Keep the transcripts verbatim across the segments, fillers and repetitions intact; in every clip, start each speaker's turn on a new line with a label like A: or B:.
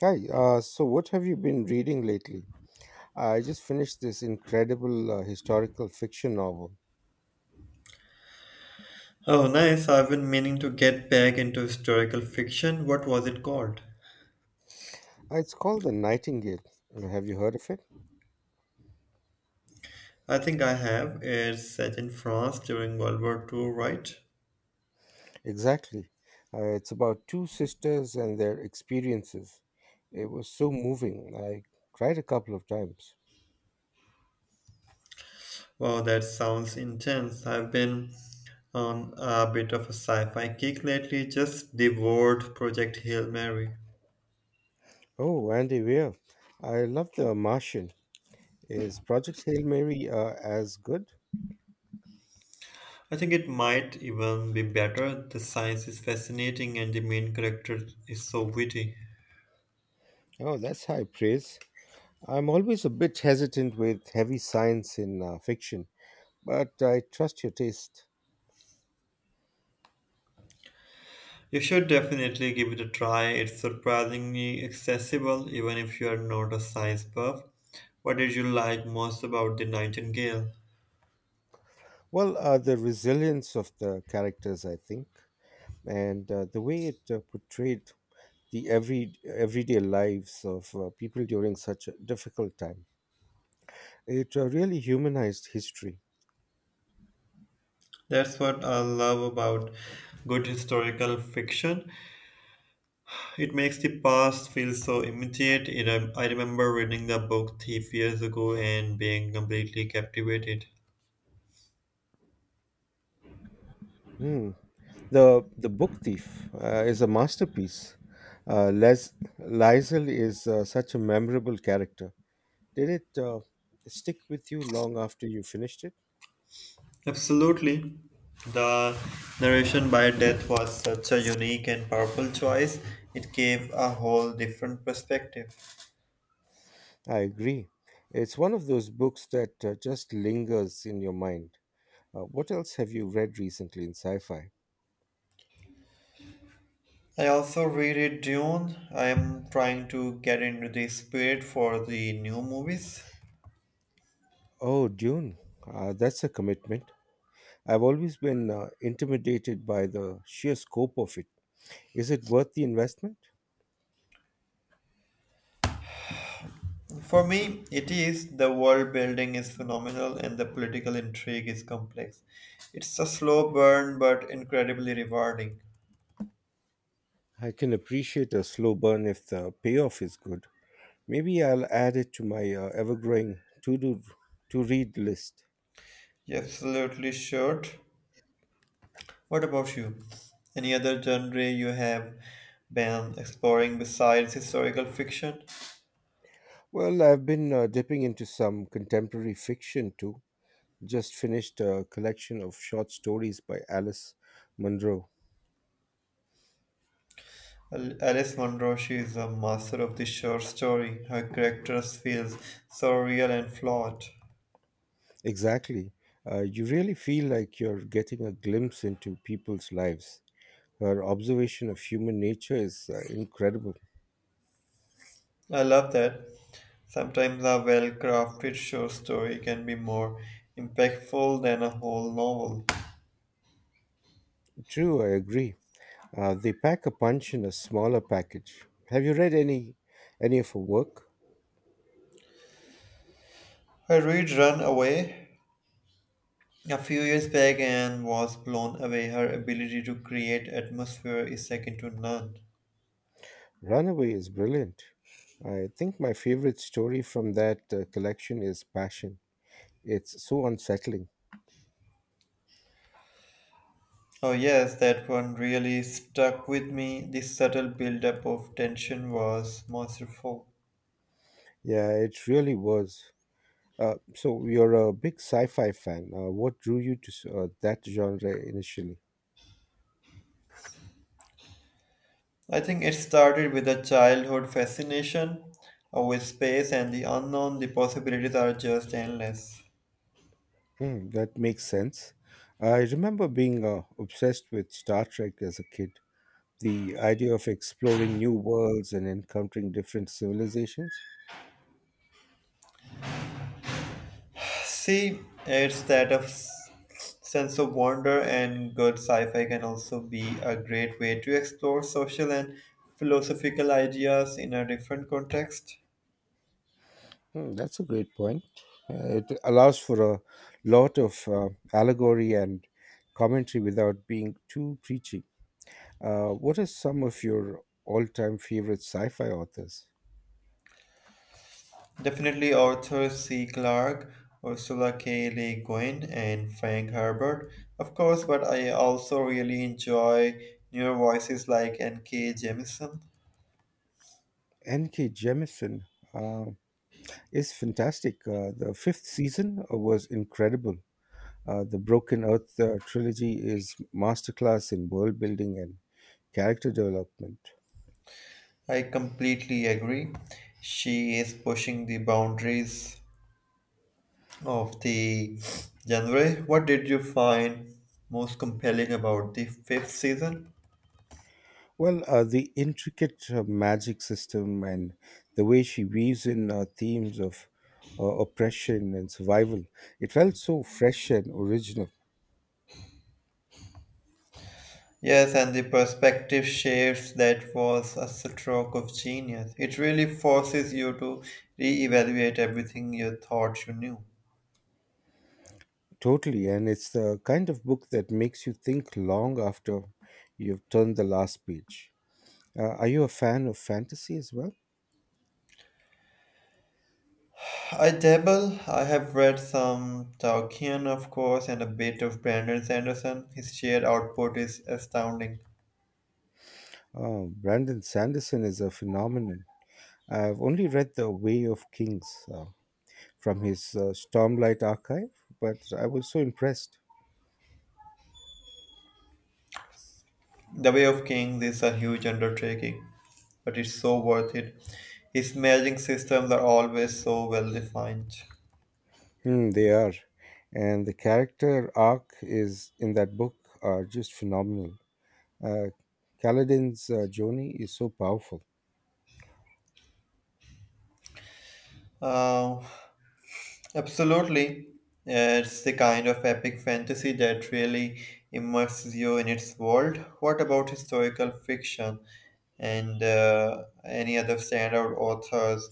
A: Hi, uh, so what have you been reading lately? I just finished this incredible uh, historical fiction novel.
B: Oh, nice. I've been meaning to get back into historical fiction. What was it called?
A: Uh, it's called The Nightingale. You know, have you heard of it?
B: I think I have. It's set in France during World War Two, right?
A: Exactly. Uh, it's about two sisters and their experiences. It was so moving. I cried a couple of times.
B: Wow, that sounds intense. I've been on a bit of a sci fi kick lately, just devoured Project Hail Mary.
A: Oh, Andy Weir. I love The Martian. Is Project Hail Mary uh, as good?
B: I think it might even be better. The science is fascinating and the main character is so witty.
A: Oh, that's high praise. I'm always a bit hesitant with heavy science in uh, fiction. But I trust your taste.
B: You should definitely give it a try. It's surprisingly accessible even if you are not a size buff. What did you like most about The Nightingale?
A: Well, uh, the resilience of the characters, I think, and uh, the way it uh, portrayed the every everyday lives of uh, people during such a difficult time, it uh, really humanized history.
B: That's what I love about good historical fiction. It makes the past feel so immediate. It, um, I remember reading the book Thief years ago and being completely captivated.
A: Hmm. The the book thief uh, is a masterpiece. Uh, Les Liesel is uh, such a memorable character. Did it uh, stick with you long after you finished it?
B: Absolutely. The narration by Death was such a unique and powerful choice. It gave a whole different perspective.
A: I agree. It's one of those books that uh, just lingers in your mind. Uh, what else have you read recently in sci fi?
B: I also reread Dune. I am trying to get into the spirit for the new movies.
A: Oh, Dune. Uh, that's a commitment. I've always been uh, intimidated by the sheer scope of it. Is it worth the investment?
B: For me, it is the world building is phenomenal and the political intrigue is complex. It's a slow burn but incredibly rewarding.
A: I can appreciate a slow burn if the payoff is good. Maybe I'll add it to my uh, ever growing to do to read list.
B: You absolutely should. What about you? Any other genre you have been exploring besides historical fiction?
A: Well, I've been uh, dipping into some contemporary fiction too. Just finished a collection of short stories by Alice Munro.
B: Al- Alice Munro, she is a master of the short story. Her characters feels so real and flawed.
A: Exactly. Uh, you really feel like you're getting a glimpse into people's lives. Her observation of human nature is uh, incredible.
B: I love that. Sometimes a well-crafted short story can be more impactful than a whole novel.
A: True, I agree. Uh, they pack a punch in a smaller package. Have you read any any of her work?
B: I read Run Away a few years back and was blown away. Her ability to create atmosphere is second to none.
A: Runaway is brilliant. I think my favorite story from that uh, collection is Passion. It's so unsettling.
B: Oh yes, that one really stuck with me. The subtle build-up of tension was masterful.
A: Yeah, it really was. Uh, so you're a big sci-fi fan. Uh, what drew you to s- uh, that genre initially?
B: I think it started with a childhood fascination uh, with space and the unknown. The possibilities are just endless.
A: Hmm, that makes sense. I remember being uh, obsessed with Star Trek as a kid. The idea of exploring new worlds and encountering different civilizations.
B: See, it's that of s- sense of wonder and good sci-fi can also be a great way to explore social and philosophical ideas in a different context.
A: Hmm, that's a great point. Uh, it allows for a lot of uh, allegory and commentary without being too preachy. Uh, what are some of your all-time favorite sci-fi authors?
B: Definitely Arthur C. Clarke, Ursula K. Le Guin, and Frank Herbert, of course, but I also really enjoy newer voices like N K. Jemisin.
A: N K. Jemisin uh, is fantastic. Uh, the fifth season uh, was incredible. Uh, the Broken Earth uh, trilogy is masterclass in world building and character development.
B: I completely agree. She is pushing the boundaries of the genre. What did you find most compelling about the fifth season?
A: Well, uh, the intricate uh, magic system and the way she weaves in uh, themes of uh, oppression and survival, it felt so fresh and original.
B: Yes, and the perspective shifts that was a stroke of genius. It really forces you to reevaluate everything you thought you knew.
A: Totally, and it's the kind of book that makes you think long after you've turned the last page. Uh, are you a fan of fantasy as well?
B: I dabble. I have read some Tolkien, of course, and a bit of Brandon Sanderson. His sheer output is astounding.
A: Uh, Brandon Sanderson is a phenomenon. I've only read The Way of Kings uh, from his uh, Stormlight archive, but I was so impressed.
B: The Way of Kings is a huge undertaking, but it's so worth it. His magic systems are always so well defined.
A: Hmm, they are. And the character arc is in that book are just phenomenal. Uh, Kaladin's uh, journey is so powerful.
B: Uh, Absolutely. Uh, It's the kind of epic fantasy that really immerses you in its world. What about historical fiction and uh, any other standout authors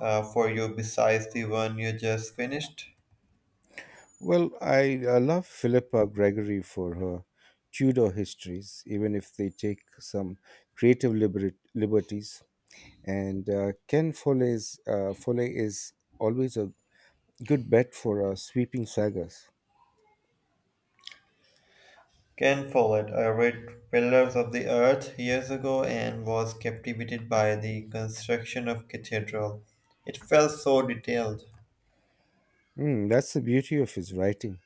B: uh, for you besides the one you just finished?
A: Well, I, I love Philippa Gregory for her Tudor histories, even if they take some creative liberat- liberties. And uh, Ken Foley's uh, Foley is always a good bet for uh, sweeping sagas.
B: Ken Follett. I read Pillars of the Earth years ago and was captivated by the construction of cathedral. It felt so detailed.
A: Hmm, that's the beauty of his writing.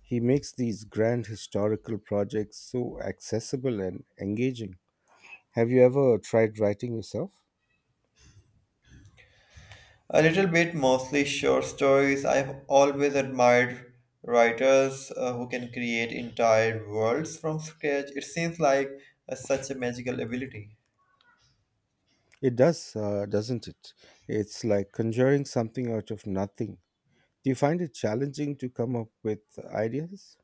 A: He makes these grand historical projects so accessible and engaging. Have you ever tried writing yourself?
B: A little bit, mostly short stories. I've always admired writers uh, who can create entire worlds from scratch. It seems like uh, such a magical ability.
A: It does, uh, doesn't it? It's like conjuring something out of nothing. Do you find it challenging to come up with ideas?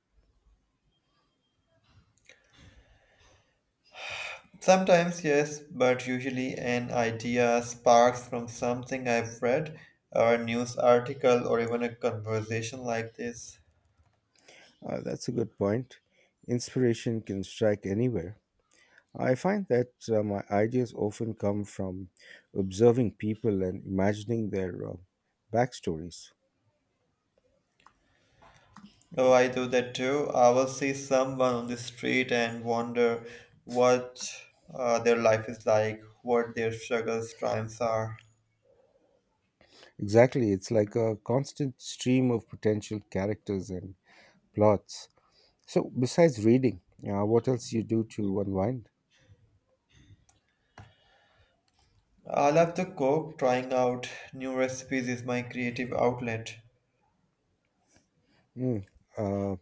B: Sometimes, yes, but usually an idea sparks from something I've read, or a news article, or even a conversation like this.
A: Uh, that's a good point. Inspiration can strike anywhere. I find that uh, my ideas often come from observing people and imagining their uh, backstories.
B: Oh, I do that too. I will see someone on the street and wonder what uh, their life is like, what their struggles, triumphs are.
A: Exactly, it's like a constant stream of potential characters and plots. So, besides reading, uh, what else you do to unwind?
B: I love to cook. Trying out new recipes is my creative outlet.
A: Mm, uh,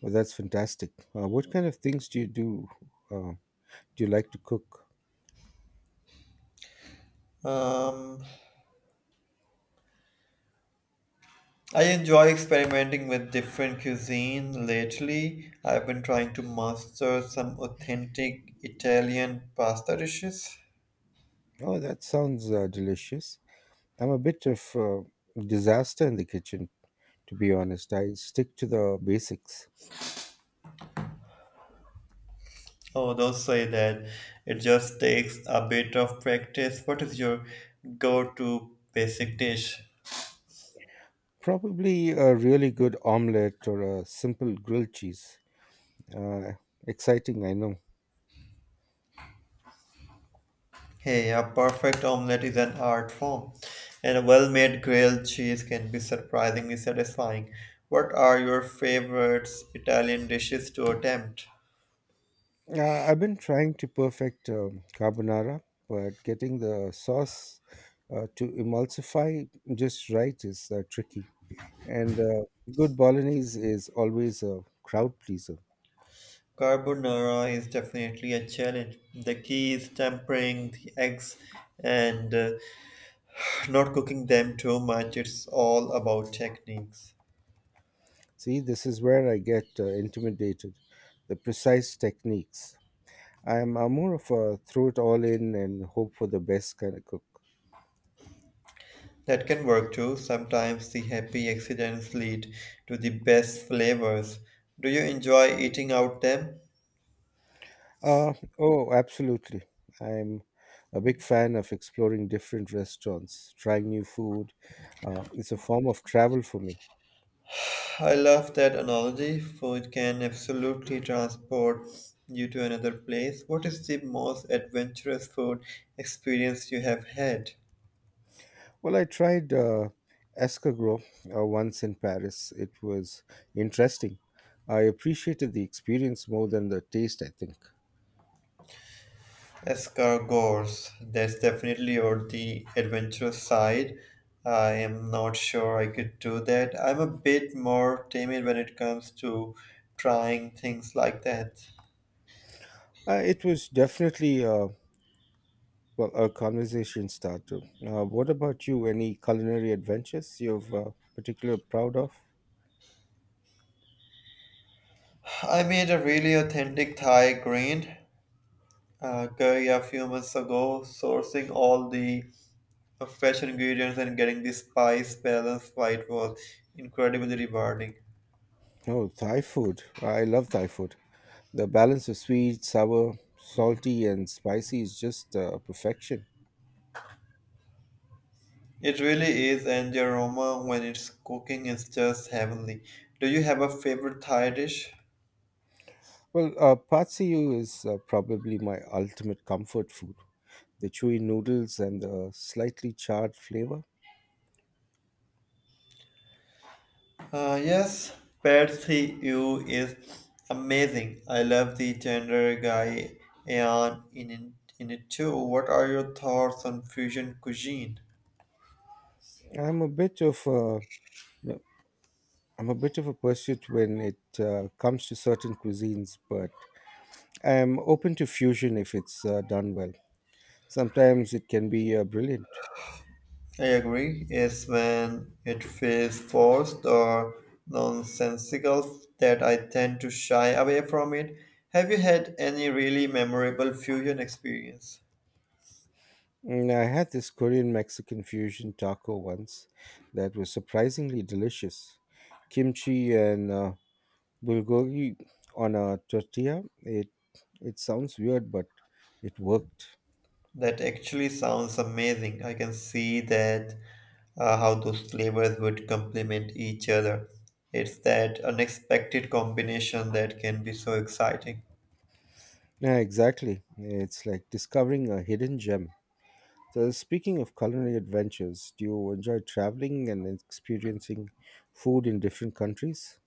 A: well, that's fantastic. Uh, what kind of things do you do? Uh, do you like to cook?
B: Um, I enjoy experimenting with different cuisine. Lately, I've been trying to master some authentic Italian pasta dishes.
A: Oh, that sounds uh, delicious. I'm a bit of a disaster in the kitchen, to be honest. I stick to the basics.
B: Oh, don't say that. It just takes a bit of practice. What is your go-to basic dish?
A: Probably a really good omelette or a simple grilled cheese. Uh, exciting, I know.
B: Hey, a perfect omelette is an art form, and a well-made grilled cheese can be surprisingly satisfying. What are your favorite Italian dishes to attempt?
A: Uh, I've been trying to perfect um, carbonara, but getting the sauce uh, to emulsify just right is uh, tricky. And uh, good bolognese is always a crowd pleaser.
B: Carbonara is definitely a challenge. The key is tempering the eggs and uh, not cooking them too much. It's all about techniques.
A: See, this is where I get uh, intimidated. The precise techniques. I'm uh, more of a throw it all in and hope for the best kind of cook.
B: That can work too. Sometimes the happy accidents lead to the best flavors. Do you enjoy eating out them?
A: Uh, oh, absolutely. I'm a big fan of exploring different restaurants, trying new food. Uh, it's a form of travel for me.
B: I love that analogy, for it can absolutely transport you to another place. What is the most adventurous food experience you have had?
A: Well, I tried uh, escargot uh, once in Paris. It was interesting. I appreciated the experience more than the taste, I think.
B: Escargots. That's definitely on the adventurous side. I am not sure I could do that. I'm a bit more timid when it comes to trying things like that.
A: Uh, it was definitely uh, well, a conversation starter. Uh, what about you? Any culinary adventures you've uh, particularly proud of?
B: I made a really authentic Thai green uh, curry a few months ago, sourcing all the of fresh ingredients and getting the spice balance right was incredibly rewarding.
A: Oh, Thai food. I love Thai food. The balance of sweet, sour, salty, and spicy is just uh, perfection.
B: It really is, and the aroma when it's cooking is just heavenly. Do you have a favorite Thai dish?
A: Well, uh, pad see ew is uh, probably my ultimate comfort food. The chewy noodles and the slightly charred flavor.
B: Uh, yes, Pad See Ew is amazing. I love the tender guy and in it, in it too. What are your thoughts on fusion cuisine?
A: I'm a bit of a I'm a bit of a pursuit when it uh, comes to certain cuisines, but I'm open to fusion if it's uh, done well. Sometimes it can be uh, brilliant.
B: I agree. It's when it feels forced or nonsensical that I tend to shy away from it. Have you had any really memorable fusion experience?
A: Mm, I had this Korean Mexican fusion taco once that was surprisingly delicious. Kimchi and uh, bulgogi on a tortilla. It it sounds weird, but it worked.
B: That actually sounds amazing. I can see that uh, how those flavors would complement each other. It's that unexpected combination that can be so exciting.
A: Yeah, exactly. It's like discovering a hidden gem. So, speaking of culinary adventures, do you enjoy traveling and experiencing food in different countries?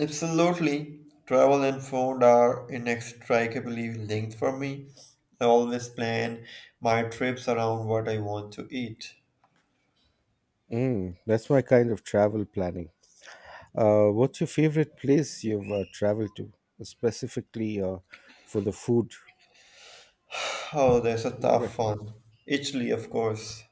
B: Absolutely. Travel and food are inextricably linked for me. I always plan my trips around what I want to eat.
A: Mm, that's my kind of travel planning. Uh, what's your favorite place you've uh, traveled to, specifically uh, for the food?
B: Oh, that's a
A: Right.
B: tough one. Italy, of course.